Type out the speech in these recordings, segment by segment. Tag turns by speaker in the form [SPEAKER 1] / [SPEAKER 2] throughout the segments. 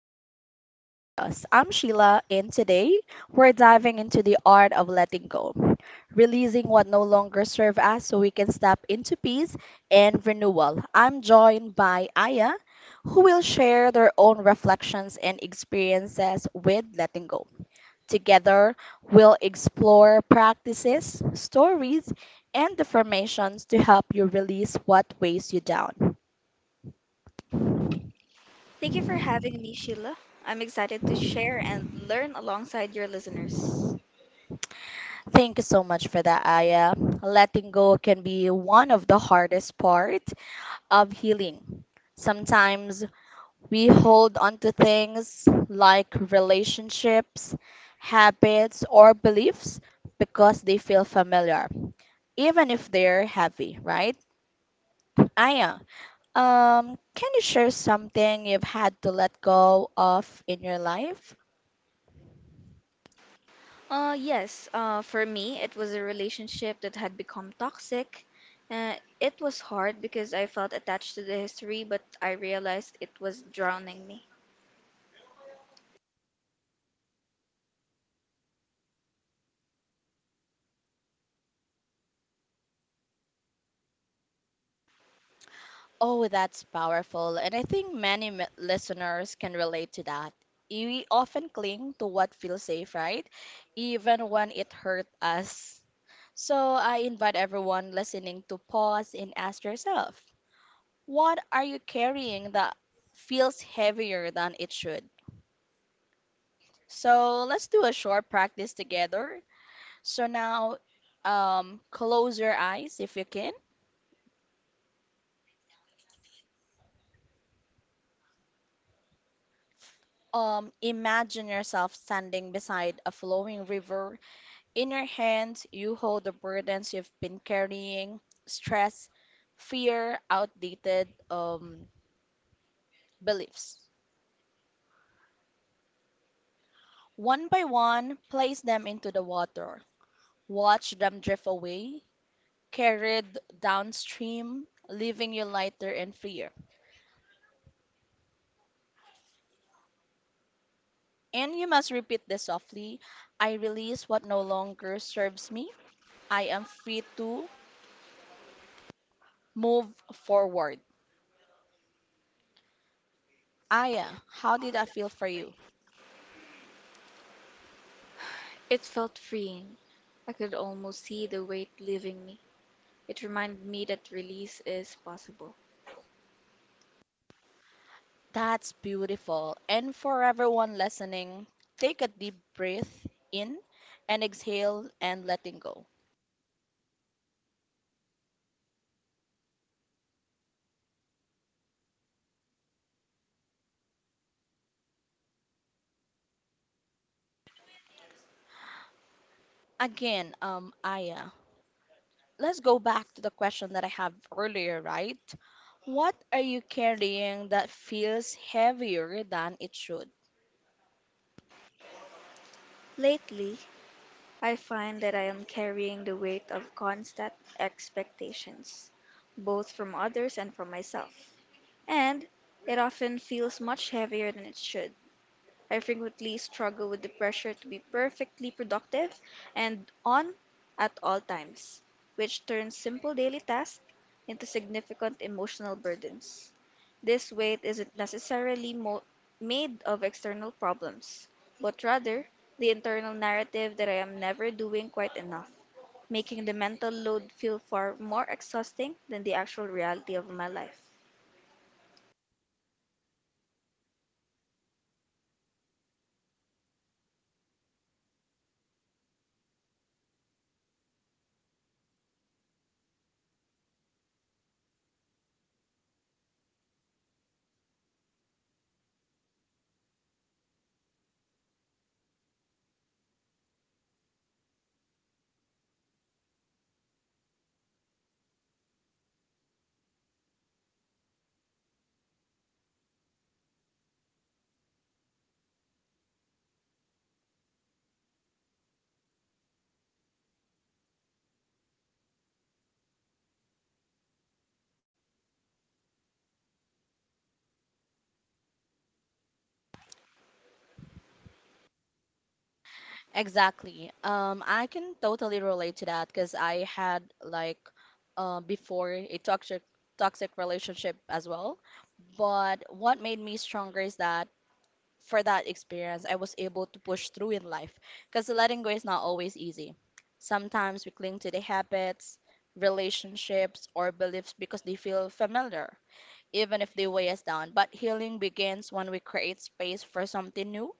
[SPEAKER 1] Finding Calm in the Chaos. I'm Sheila, and today we're diving into the art of letting go, releasing what no longer serves us so we can step into peace and renewal. I'm joined by Aya, who will share their own reflections and experiences with letting go. Together, we'll explore practices, stories, and affirmations to help you release what weighs you down.
[SPEAKER 2] Thank you for having me, Sheila. I'm excited to share and learn alongside your listeners.
[SPEAKER 1] Thank you so much for that, Aya. Letting go can be one of the hardest part of healing. Sometimes we hold on to things like relationships, habits, or beliefs because they feel familiar, even if they're heavy, right? Aya, can you share something you've had to let go of in your life?
[SPEAKER 2] Yes, for me, it was a relationship that had become toxic. It was hard because I felt attached to the history, but I realized it was drowning me.
[SPEAKER 1] Oh, that's powerful. And I think many listeners can relate to that. We often cling to what feels safe, right? Even when it hurt us. So I invite everyone listening to pause and ask yourself, what are you carrying that feels heavier than it should? So let's do a short practice together. So now, close your eyes if you can. Imagine yourself standing beside a flowing river. In your hands, you hold the burdens you've been carrying, stress, fear, outdated beliefs. One by one, place them into the water. Watch them drift away, carried downstream, leaving you lighter and freer. And you must repeat this softly: I release what no longer serves me. I am free to move forward. Aya, how did that feel for you?
[SPEAKER 2] It felt freeing. I could almost see the weight leaving me. It reminded me that release is possible.
[SPEAKER 1] That's beautiful. And for everyone listening, take a deep breath in and exhale and letting go. Again, Aya, let's go back to the question that I have earlier, right? What are you carrying that feels heavier than it should?
[SPEAKER 2] Lately, I find that I am carrying the weight of constant expectations, both from others and from myself, and it often feels much heavier than it should. I frequently struggle with the pressure to be perfectly productive and on at all times, which turns simple daily tasks into significant emotional burdens. This weight isn't necessarily made of external problems, but rather the internal narrative that I am never doing quite enough, making the mental load feel far more exhausting than the actual reality of my life.
[SPEAKER 1] Exactly. I can totally relate to that because I had like before a toxic relationship as well. But what made me stronger is that for that experience, I was able to push through in life because letting go is not always easy. Sometimes we cling to the habits, relationships, or beliefs because they feel familiar, even if they weigh us down. But healing begins when we create space for something new,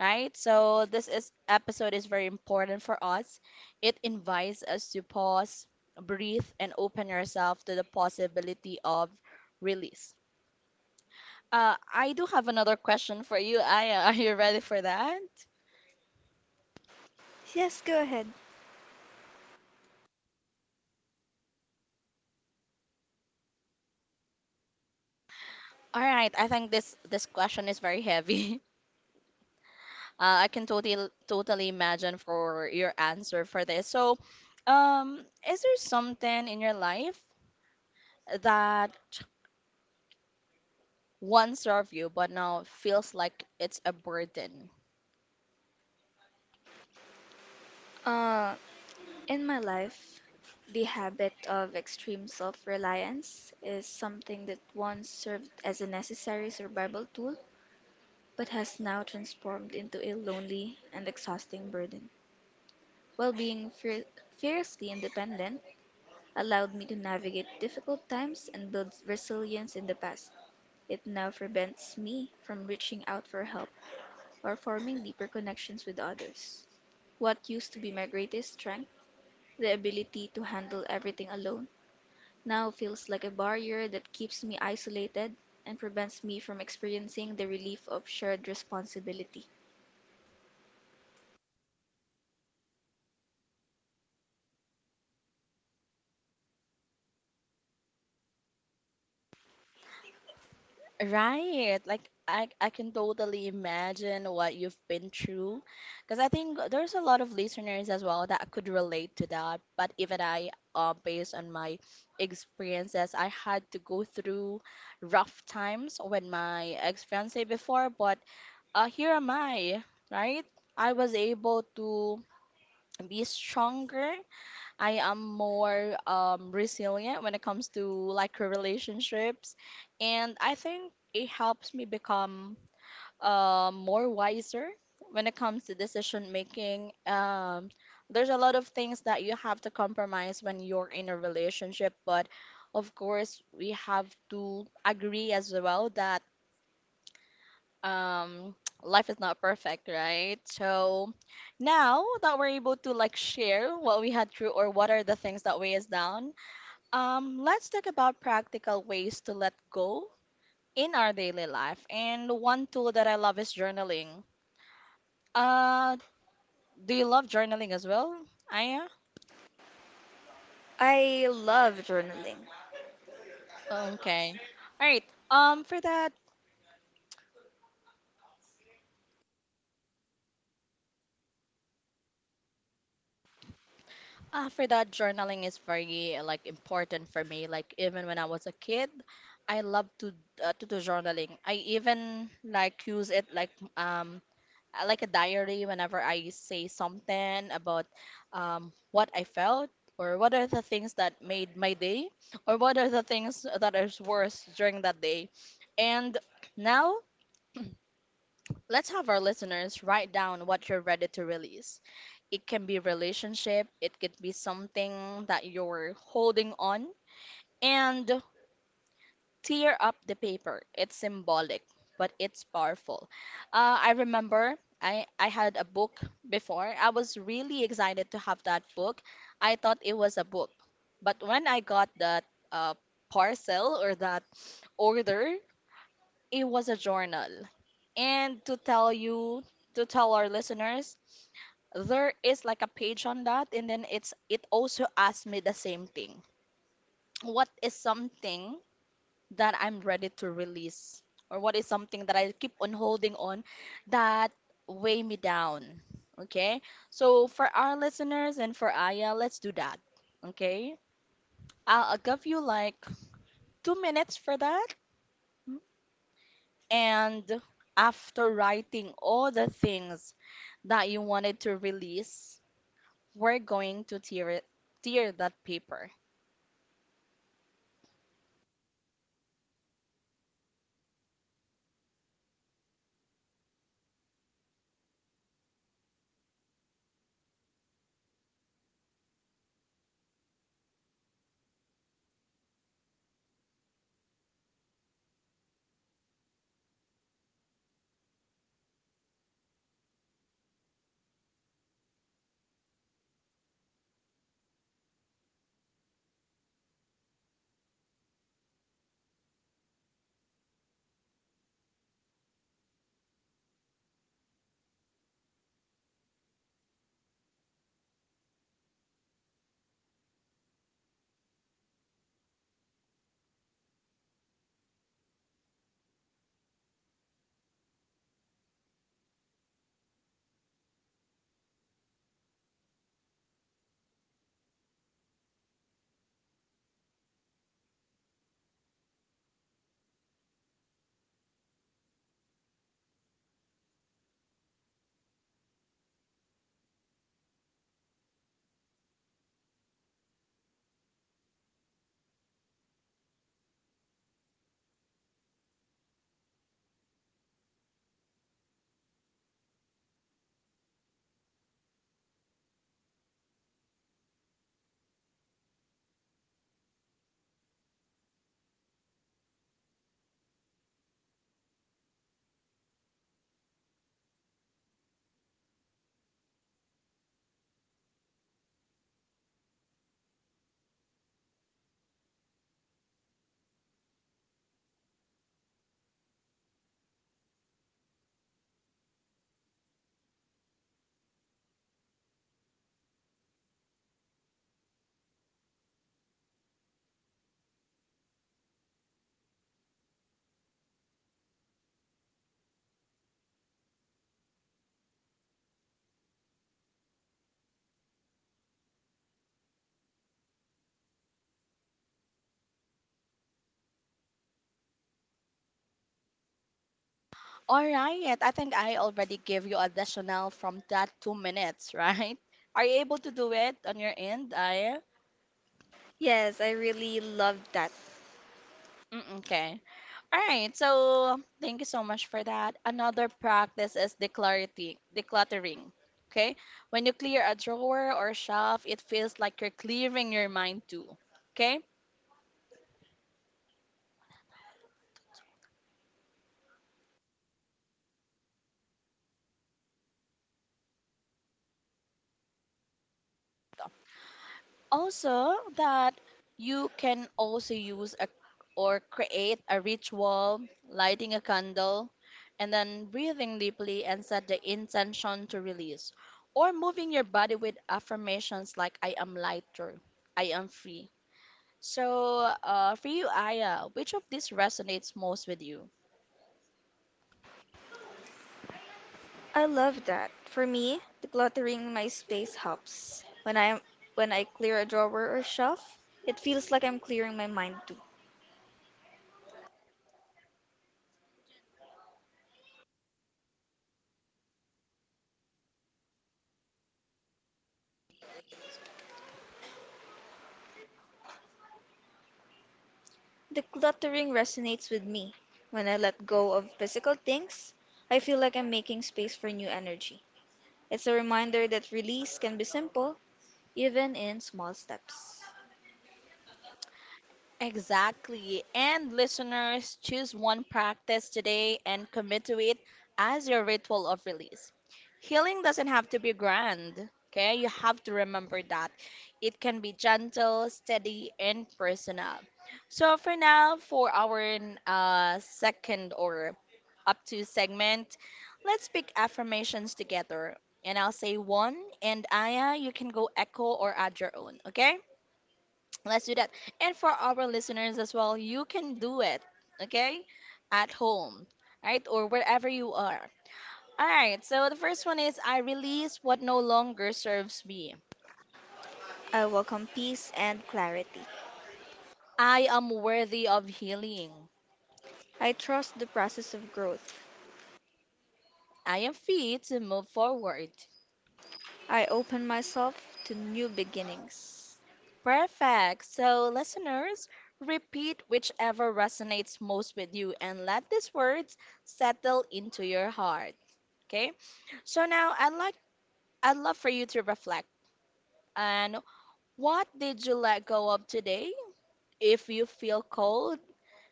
[SPEAKER 1] right? So, this is, episode is very important for us. It invites us to pause, breathe, and open yourself to the possibility of release. I do have another question for you. Aya, are you ready for that?
[SPEAKER 2] Yes, go ahead.
[SPEAKER 1] All right, I think this question is very heavy. I can totally imagine for your answer for this. So, um, is there something in your life that once served you but now feels like it's a burden?
[SPEAKER 2] Uh, in my life, the habit of extreme self reliance is something that once served as a necessary survival tool but has now transformed into a lonely and exhausting burden. While being fiercely independent allowed me to navigate difficult times and build resilience in the past. It now prevents me from reaching out for help or forming deeper connections with others. What used to be my greatest strength, the ability to handle everything alone, now feels like a barrier that keeps me isolated and prevents me from experiencing the relief of shared responsibility.
[SPEAKER 1] Right. Like I can totally imagine what you've been through because I think there's a lot of listeners as well that could relate to that. But even I, based on my experiences, I had to go through rough times with my ex-fiance before, but here am I, right? I was able to be stronger. I am more resilient when it comes to like relationships, and I think it helps me become more wiser when it comes to decision making. There's a lot of things that you have to compromise when you're in a relationship, but of course we have to agree as well that um, life is not perfect, right? So now that we're able to like share what we had through or what are the things that weigh us down let's talk about practical ways to let go in our daily life. And one tool that I love is journaling. Uh, do you love journaling as well, Aya?
[SPEAKER 2] I love journaling.
[SPEAKER 1] Okay. All right. Um, for that, for that, journaling is very like important for me. Like even when I was a kid, I love to do journaling. I even like use it um like a diary whenever I say something about what I felt or what are the things that made my day or what are the things that is worse during that day. And now let's have our listeners write down what you're ready to release. It can be relationship, it could be something that you're holding on. And tear up the paper. It's symbolic, but it's powerful. I remember I had a book before. I was really excited to have that book. I thought it was a book. But when I got that uh, parcel or that order, it was a journal. And to tell you, to tell our listeners, there is like a page on that and then it also asked me the same thing: what is something that I'm ready to release? Or what is something that I keep on holding on that weigh me down? Okay? So for our listeners and for Aya, let's do that. Okay? I'll give you like 2 minutes for that. And after writing all the things that you wanted to release, we're going to tear that paper. All right, I think I already gave you additional from that 2 minutes, right? Are you able to do it on your end, Aya?
[SPEAKER 2] Yes, I really love that.
[SPEAKER 1] Mm, okay. All right. So thank you so much for that. Another practice is declarity, decluttering. Okay. When you clear a drawer or shelf, it feels like you're clearing your mind too. Okay. Also, that you can also use a, or create a ritual, lighting a candle, and then breathing deeply and set the intention to release, or moving your body with affirmations like "I am lighter," "I am free." So, for you, Aya, which of these resonates most with you?
[SPEAKER 2] I love that. For me, decluttering my space helps. When I clear a drawer or shelf, it feels like I'm clearing my mind too. Decluttering resonates with me. When I let go of physical things, I feel like I'm making space for new energy. It's a reminder that release can be simple, even in small steps.
[SPEAKER 1] Exactly. And listeners, choose one practice today and commit to it as your ritual of release. Healing doesn't have to be grand, okay? You have to remember that. It can be gentle, steady, and personal. So, for now, for our second or up to segment, let's pick affirmations together. And I'll say one, and Aya, you can go echo or add your own, okay? Let's do that. And for our listeners as well, you can do it, okay? At home, right? Or wherever you are. All right, so the first one is: I release what no longer serves me.
[SPEAKER 2] I welcome peace and clarity.
[SPEAKER 1] I am worthy of healing.
[SPEAKER 2] I trust the process of growth.
[SPEAKER 1] I am free to move forward.
[SPEAKER 2] I open myself to new beginnings.
[SPEAKER 1] Perfect. So, listeners, repeat whichever resonates most with you and let these words settle into your heart, okay? So now I'd love for you to reflect on: what did you let go of today? If you feel cold,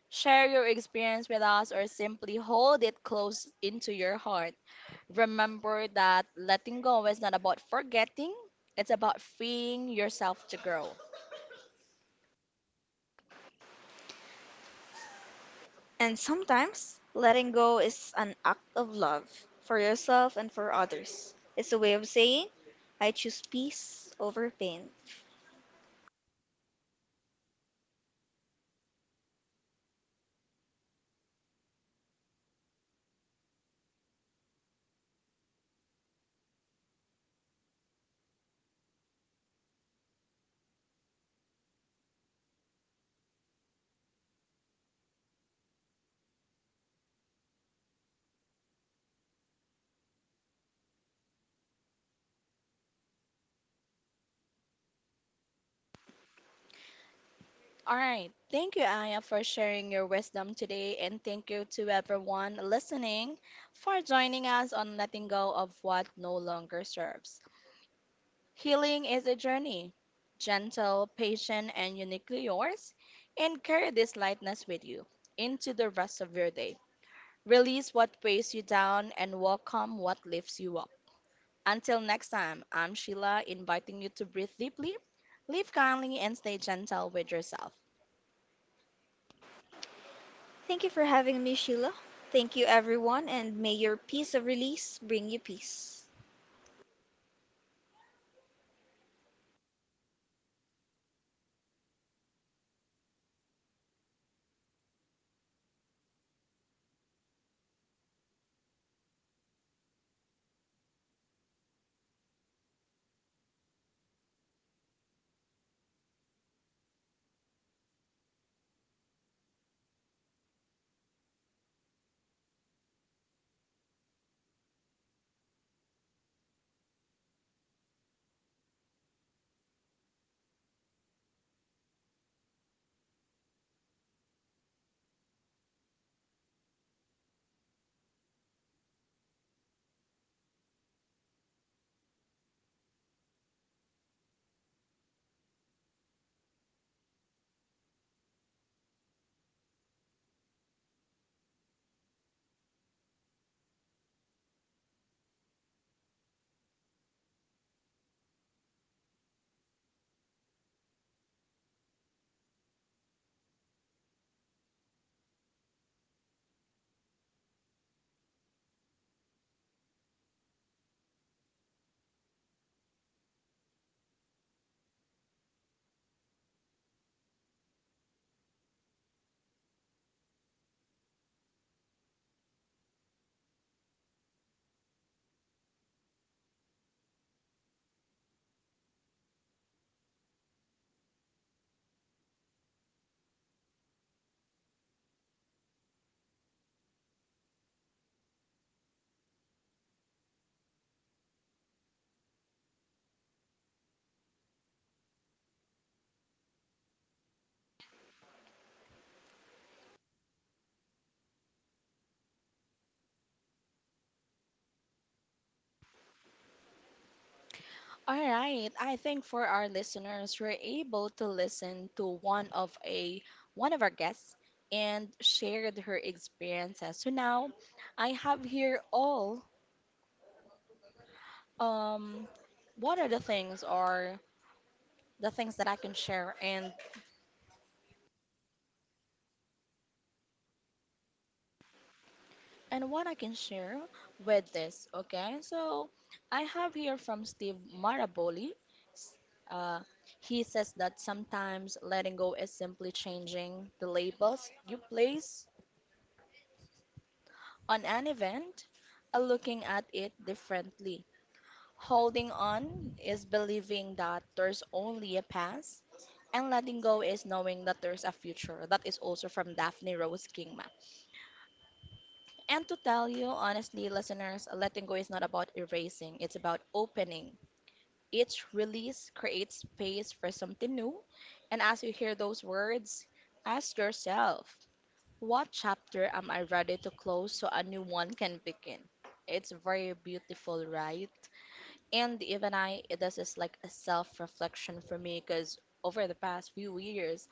[SPEAKER 1] share your experience with us or simply hold it close into your heart. Remember that letting go is not about forgetting, it's about freeing yourself to grow.
[SPEAKER 2] And sometimes letting go is an act of love for yourself and for others. It's a way of saying, I choose peace over pain.
[SPEAKER 1] All right. Thank you, Aya, for sharing your wisdom today. And thank you to everyone listening for joining us on Letting Go of What No Longer Serves. Healing is a journey, gentle, patient, and uniquely yours. And carry this lightness with you into the rest of your day. Release what weighs you down and welcome what lifts you up. Until next time, I'm Sheila, inviting you to breathe deeply, live kindly, and stay gentle with yourself.
[SPEAKER 2] Thank you for having me, Sheila. Thank you, everyone, and may your peace of release bring you peace.
[SPEAKER 1] All right, I think for our listeners, we're able to listen to one of our guests and shared her experiences. So now I have here all Um, what are the things or the things that I can share and what I can share with this? Okay, so I have here from Steve Maraboli. S- Uh, he says that sometimes letting go is simply changing the labels you place on an event and looking at it differently. Holding on is believing that there's only a past. And letting go is knowing that there's a future. That is also from Daphne Rose Kingma. And to tell you honestly, listeners, letting go is not about erasing, it's about opening. Each release creates space for something new. And as you hear those words, ask yourself, what chapter am I ready to close so a new one can begin? It's very beautiful, right? And even I, this is like a self reflection for me because over the past few years,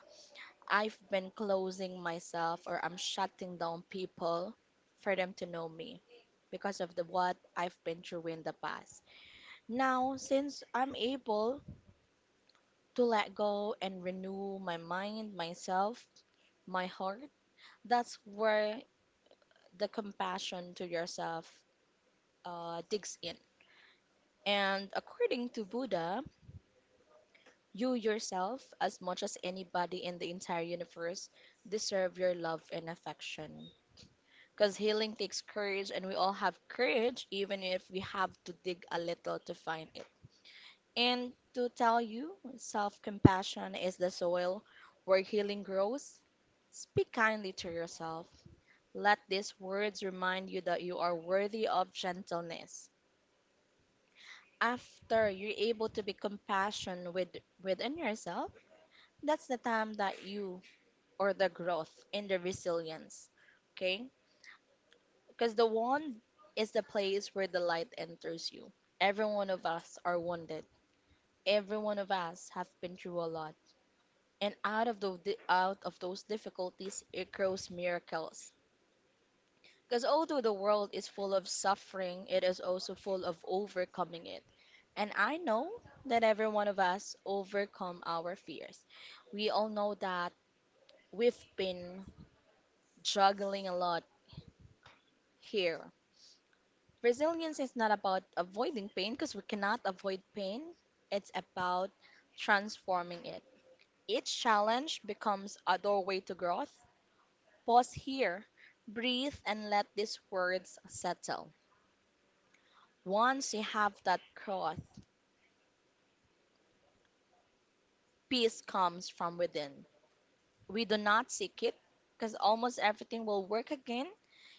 [SPEAKER 1] I've been closing myself or I'm shutting down people for them to know me because of the what I've been through in the past. Now, since I'm able to let go and renew my mind, myself, my heart, that's where the compassion to yourself digs in. And according to Buddha, you yourself, as much as anybody in the entire universe, deserve your love and affection. Because healing takes courage, and we all have courage even if we have to dig a little to find it. And to tell you, self-compassion is the soil where healing grows. Speak kindly to yourself. Let these words remind you that you are worthy of gentleness. After you're able to be compassionate within yourself, that's the time that you or the growth in the resilience. Okay. Because the wand is the place where the light enters you. Every one of us are wounded. Every one of us have been through a lot. And out of those difficulties, it grows miracles. Because although the world is full of suffering, it is also full of overcoming it. And I know that every one of us overcome our fears. We all know that we've been juggling a lot here. Resilience is not about avoiding pain, because we cannot avoid pain. It's about transforming it. Each challenge becomes a doorway to growth. Pause here, breathe, and let these words settle. Once you have that growth, peace comes from within. We do not seek it, because almost everything will work again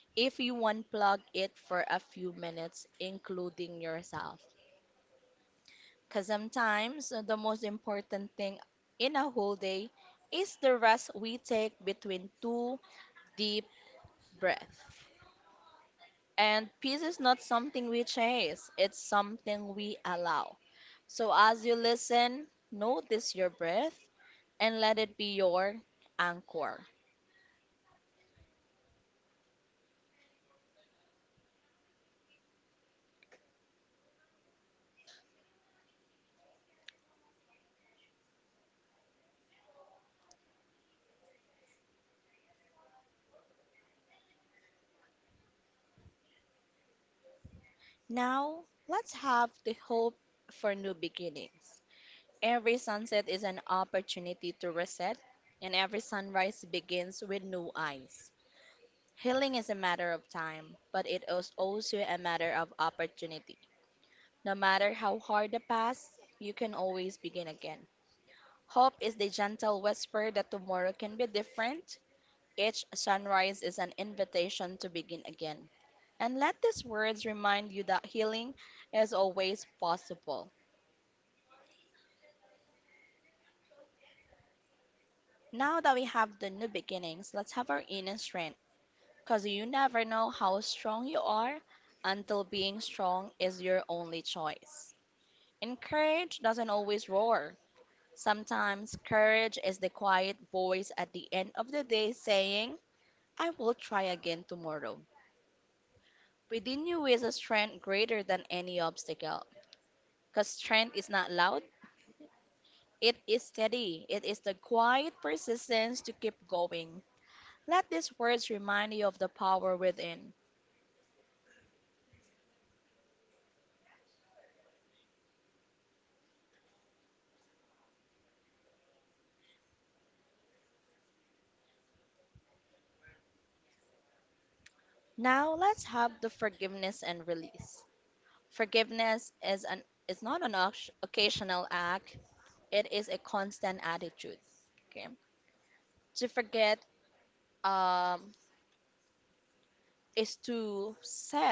[SPEAKER 1] if you unplug it for a few minutes, including yourself. Because sometimes the most important thing in a whole day is the rest we take between two deep breaths. And peace is not something we chase, it's something we allow. So as you listen, notice your breath and let it be your anchor. Now, let's have the hope for new beginnings. Every sunset is an opportunity to reset, and every sunrise begins with new eyes. Healing is a matter of time, but it is also a matter of opportunity. No matter how hard the past, you can always begin again. Hope is the gentle whisper that tomorrow can be different. Each sunrise is an invitation to begin again. And let these words remind you that healing is always possible. Now that we have the new beginnings, let's have our inner strength, because you never know how strong you are until being strong is your only choice. And courage doesn't always roar. Sometimes courage is the quiet voice at the end of the day saying, I will try again tomorrow. Within you is a strength greater than any obstacle. Because strength is not loud, it is steady. It is the quiet persistence to keep going. Let these words remind you of the power within. Now let's have the forgiveness and release. Forgiveness is not an occasional act. It is a constant attitude. Okay. To forget um, is to set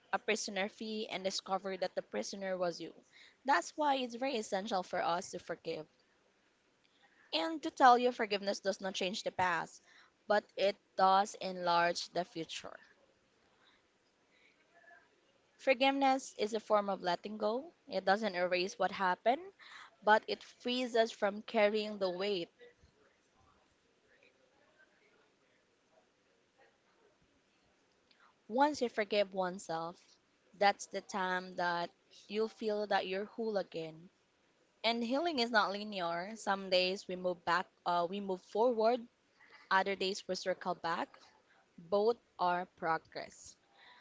[SPEAKER 1] a prisoner free and discover that the prisoner was you. That's why it's very essential for us to forgive. And to tell you, forgiveness does not change the past, but it does enlarge the future. Forgiveness is a form of letting go. It doesn't erase what happened, but it frees us from carrying the weight. Once you forgive oneself, that's the time that you'll feel that you're whole again. And healing is not linear. Some days we move back, we move forward. Other days we circle back. Both are progress.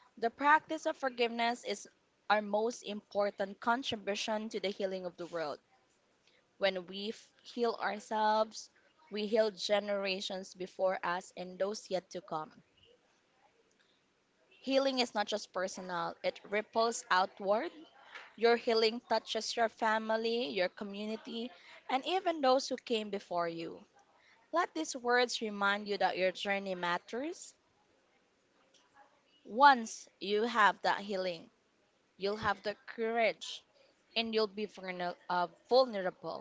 [SPEAKER 1] The practice of forgiveness is our most important contribution to the healing of the world. When heal ourselves, we heal generations before us and those yet to come. Healing is not just personal, it ripples outward. Your healing touches your family, your community, and even those who came before you. Let these words remind you that your journey matters. Once you have that healing, you'll have the courage and you'll be vulnerable.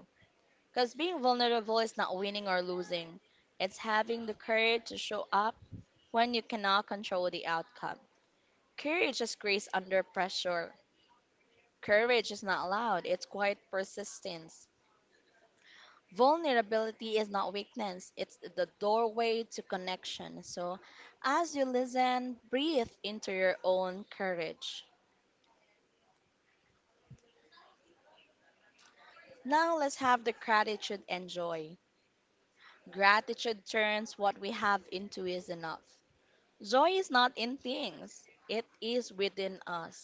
[SPEAKER 1] Because being vulnerable is not winning or losing, it's having the courage to show up when you cannot control the outcome. Courage is grace under pressure. Courage is not loud, it's quiet persistence. Vulnerability is not weakness, it's the doorway to connection. So, as you listen, breathe into your own courage. Now, let's have the gratitude and joy. Gratitude turns what we have into is enough. Joy is not in things, it is within us.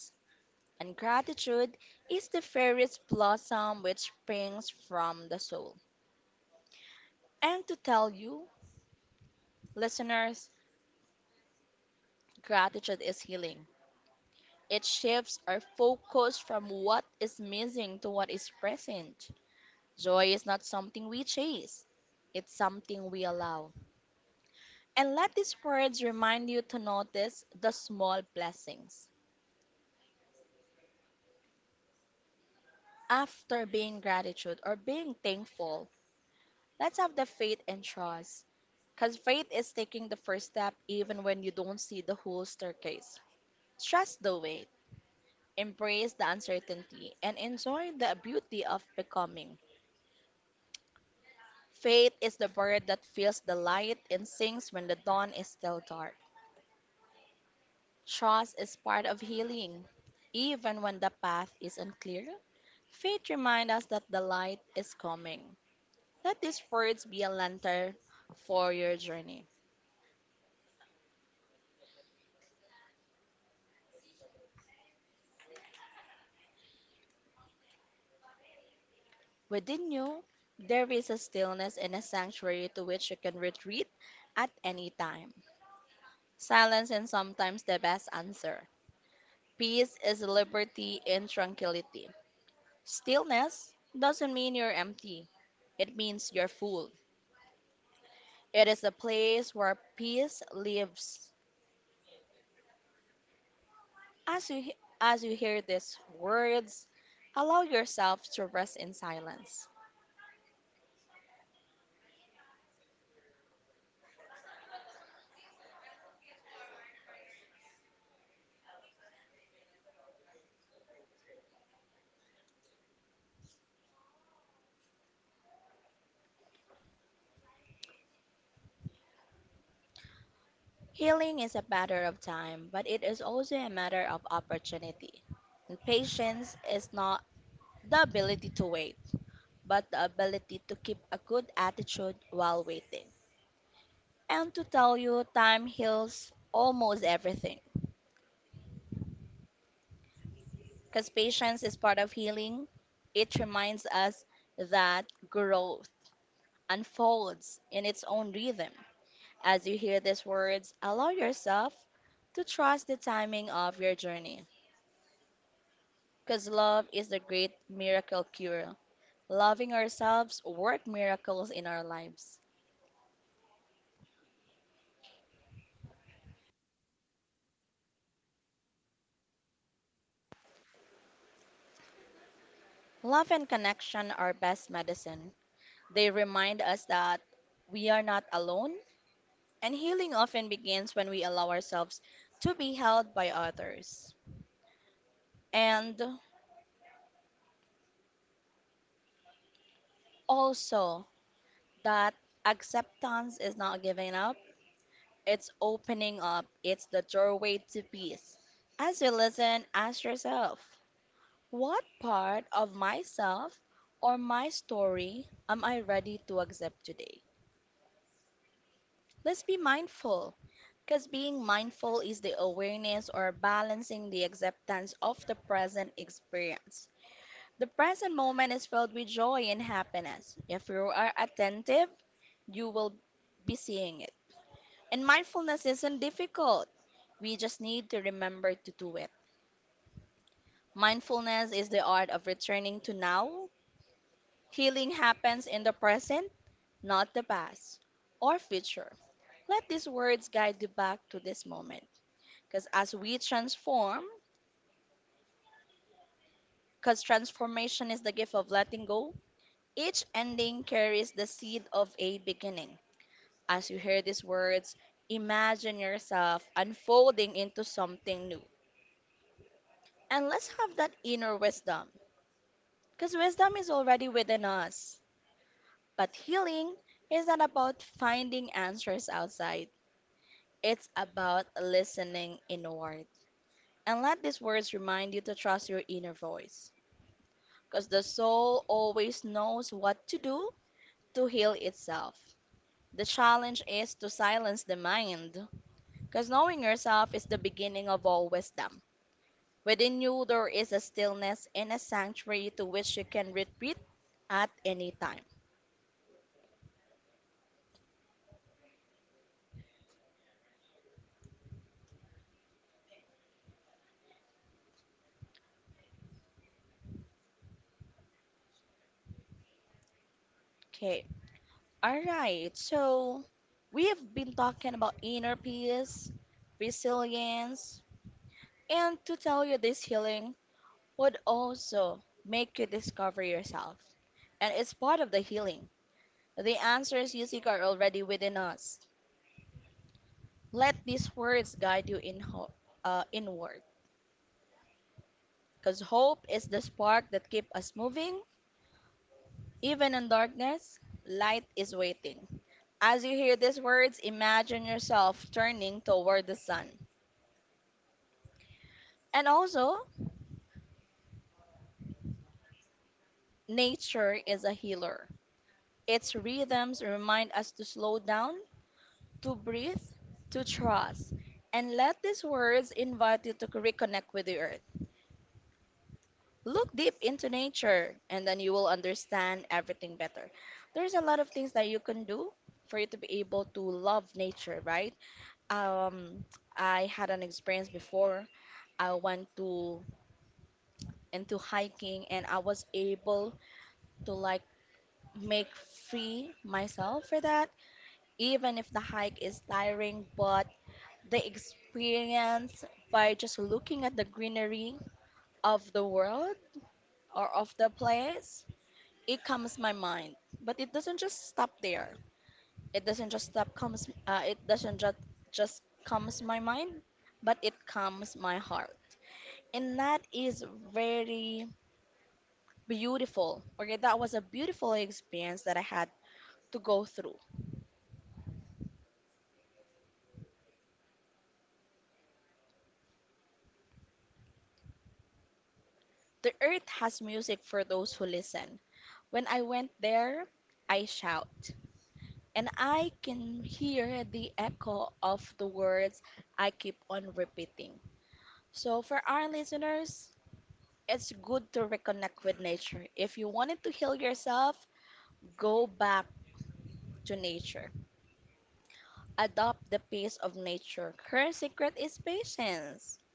[SPEAKER 1] And gratitude is the fairest blossom which springs from the soul. And to tell you, listeners, gratitude is healing. It shifts our focus from what is missing to what is present. Joy is not something we chase, it's something we allow. And let these words remind you to notice the small blessings. After being gratitude or being thankful, let's have the faith and trust. Because faith is taking the first step even when you don't see the whole staircase. Trust the wait, embrace the uncertainty, and enjoy the beauty of becoming. Faith is the bird that feels the light and sings when the dawn is still dark. Trust is part of healing. Even when the path is unclear, faith reminds us that the light is coming. Let these words be a lantern for your journey. Within you, there is a stillness and a sanctuary to which you can retreat at any time. Silence is sometimes the best answer. Peace is liberty and tranquility. Stillness doesn't mean you're empty. It means you're full. It is a place where peace lives. As you hear these words, allow yourself to rest in silence. Healing is a matter of time, but it is also a matter of opportunity. And patience is not the ability to wait, but the ability to keep a good attitude while waiting. And to tell you, time heals almost everything, because patience is part of healing. It reminds us that growth unfolds in its own rhythm. As you hear these words, allow yourself to trust the timing of your journey, because love is the great miracle cure. Loving ourselves work miracles in our lives. Love and connection are best medicine. They remind us that we are not alone, and healing often begins when we allow ourselves to be held by others. And also that acceptance is not giving up, it's opening up, it's the doorway to peace. As you listen, ask yourself, what part of myself or my story am I ready to accept today? Let's be mindful, because being mindful is the awareness or balancing the acceptance of the present experience. The present moment is filled with joy and happiness. If you are attentive, you will be seeing it. And mindfulness isn't difficult. We just need to remember to do it. Mindfulness is the art of returning to now. Healing happens in the present, not the past or future. Let these words guide you back to this moment. Because as we transform, because transformation is the gift of letting go, each ending carries the seed of a beginning. As you hear these words, imagine yourself unfolding into something new. And let's have that inner wisdom, because wisdom is already within us. But healing is not about finding answers outside, it's about listening inward. And let these words remind you to trust your inner voice, because the soul always knows what to do to heal itself. The challenge is to silence the mind, because knowing yourself is the beginning of all wisdom. Within you, there is a stillness and a sanctuary to which you can retreat at any time. Okay, all right. So we have been talking about inner peace, resilience, and to tell you this healing would also make you discover yourself. And it's part of the healing. The answers you seek are already within us. Let these words guide you inward, because hope is the spark that keeps us moving. Even in darkness, light is waiting. As you hear these words, imagine yourself turning toward the sun. And also, nature is a healer. Its rhythms remind us to slow down, to breathe, to trust. And let these words invite you to reconnect with the earth. Look deep into nature, and then you will understand everything better. There's a lot of things that you can do for you to be able to love nature, right? Um, I had an experience before. I went to into hiking, and I was able to like make free myself for that, even if the hike is tiring, but the experience by just looking at the greenery of the world or of the place, it comes my mind. But it doesn't just stop there. It doesn't just stop comes it doesn't just comes my mind, but it calms my heart. And that is very beautiful. Okay, that was a beautiful experience that I had to go through. The earth has music for those who listen. When I went there, I shout, and I can hear the echo of the words I keep on repeating. So, for our listeners, it's good to reconnect with nature. If you wanted to heal yourself, go back to nature. Adopt the pace of nature. Her secret is patience.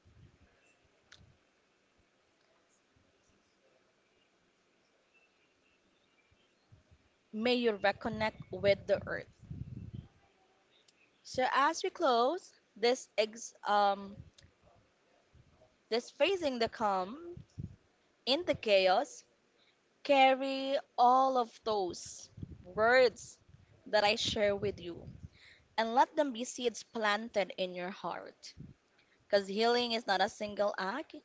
[SPEAKER 1] May you reconnect with the earth. So as we close this facing the calm in the chaos, carry all of those words that I share with you and let them be seeds planted in your heart. Because healing is not a single act,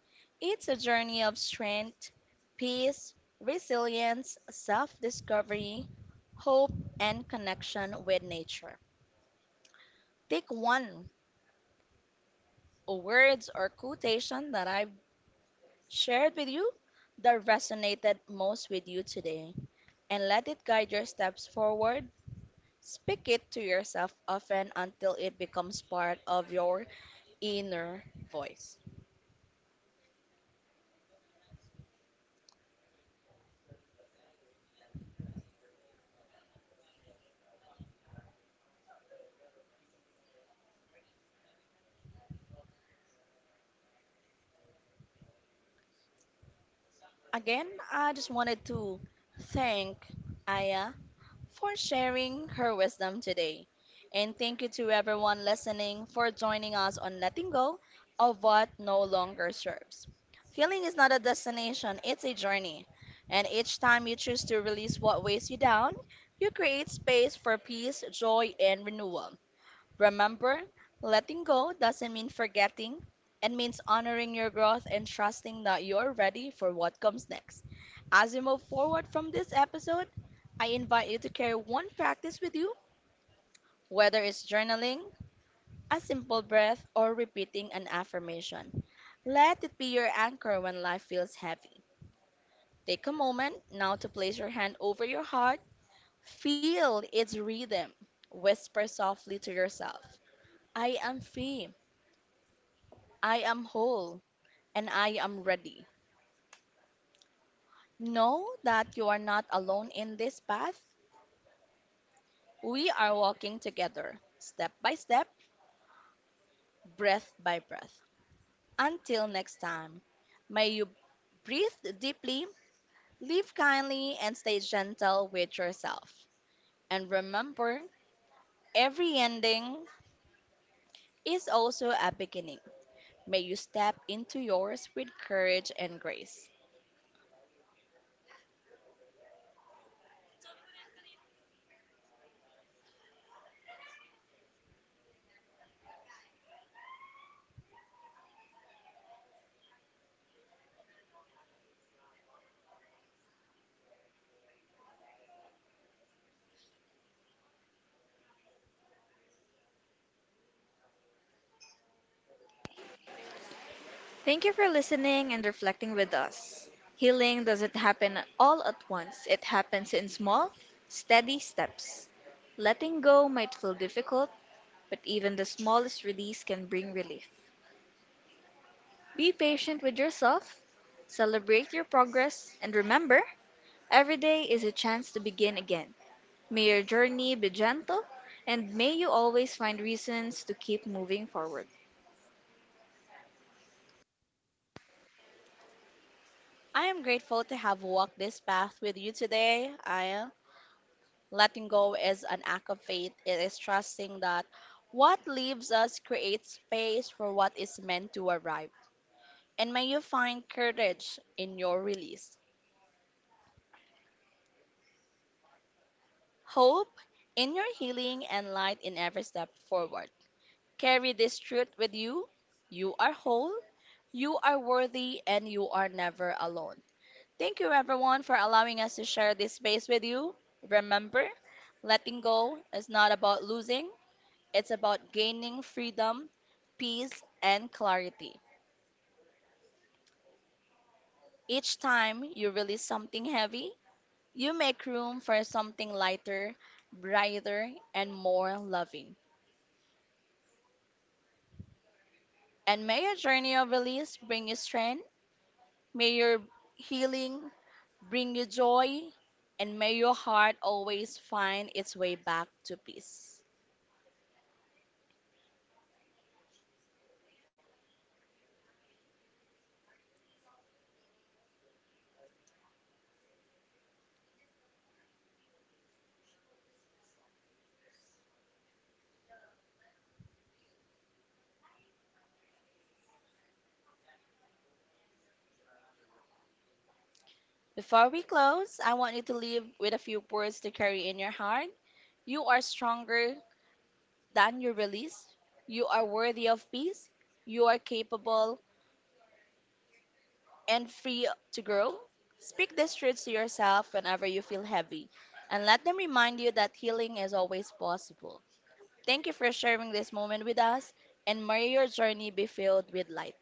[SPEAKER 1] it's a journey of strength, peace, resilience, self discovery, hope, and connection with nature. Take one words or quotation that I've shared with you that resonated most with you today and let it guide your steps forward. Speak it to yourself often until it becomes part of your inner voice. Again, I just wanted to thank Aya for sharing her wisdom today. And thank you to everyone listening for joining us on letting go of what no longer serves. Healing is not a destination, it's a journey. And each time you choose to release what weighs you down, you create space for peace, joy, and renewal. Remember, letting go doesn't mean forgetting. It means honoring your growth and trusting that you're ready for what comes next. As you move forward from this episode, I invite you to carry one practice with you, whether it's journaling, a simple breath, or repeating an affirmation. Let it be your anchor when life feels heavy. Take a moment now to place your hand over your heart. Feel its rhythm. Whisper softly to yourself, I am free. I am whole, and I am ready. Know that you are not alone in this path. We are walking together, step by step, breath by breath. Until next time, may you breathe deeply, live kindly, and stay gentle with yourself. And remember, every ending is also a beginning. May you step into yours with courage and grace.
[SPEAKER 2] Thank you for listening and reflecting with us. Healing doesn't happen all at once, it happens in small, steady steps. Letting go might feel difficult, but even the smallest release can bring relief. Be patient with yourself, celebrate your progress, and remember, every day is a chance to begin again. May your journey be gentle, and may you always find reasons to keep moving forward.
[SPEAKER 1] I am grateful to have walked this path with you today. I am Letting go is an act of faith. It is trusting that what leaves us creates space for what is meant to arrive. And may you find courage in your release, hope in your healing, and light in every step forward. Carry this truth with you. You are whole, you are worthy, and you are never alone. Thank you, everyone, for allowing us to share this space with you. Remember, letting go is not about losing. It's about gaining freedom, peace, and clarity. Each time you release something heavy, you make room for something lighter, brighter, and more loving. And may your journey of release bring you strength, may your healing bring you joy, and may your heart always find its way back to peace. Before we close, I want you to leave with a few words to carry in your heart. You are stronger than your release. You are worthy of peace. You are capable and free to grow. Speak these truths to yourself whenever you feel heavy and let them remind you that healing is always possible. Thank you for sharing this moment with us, and may your journey be filled with light.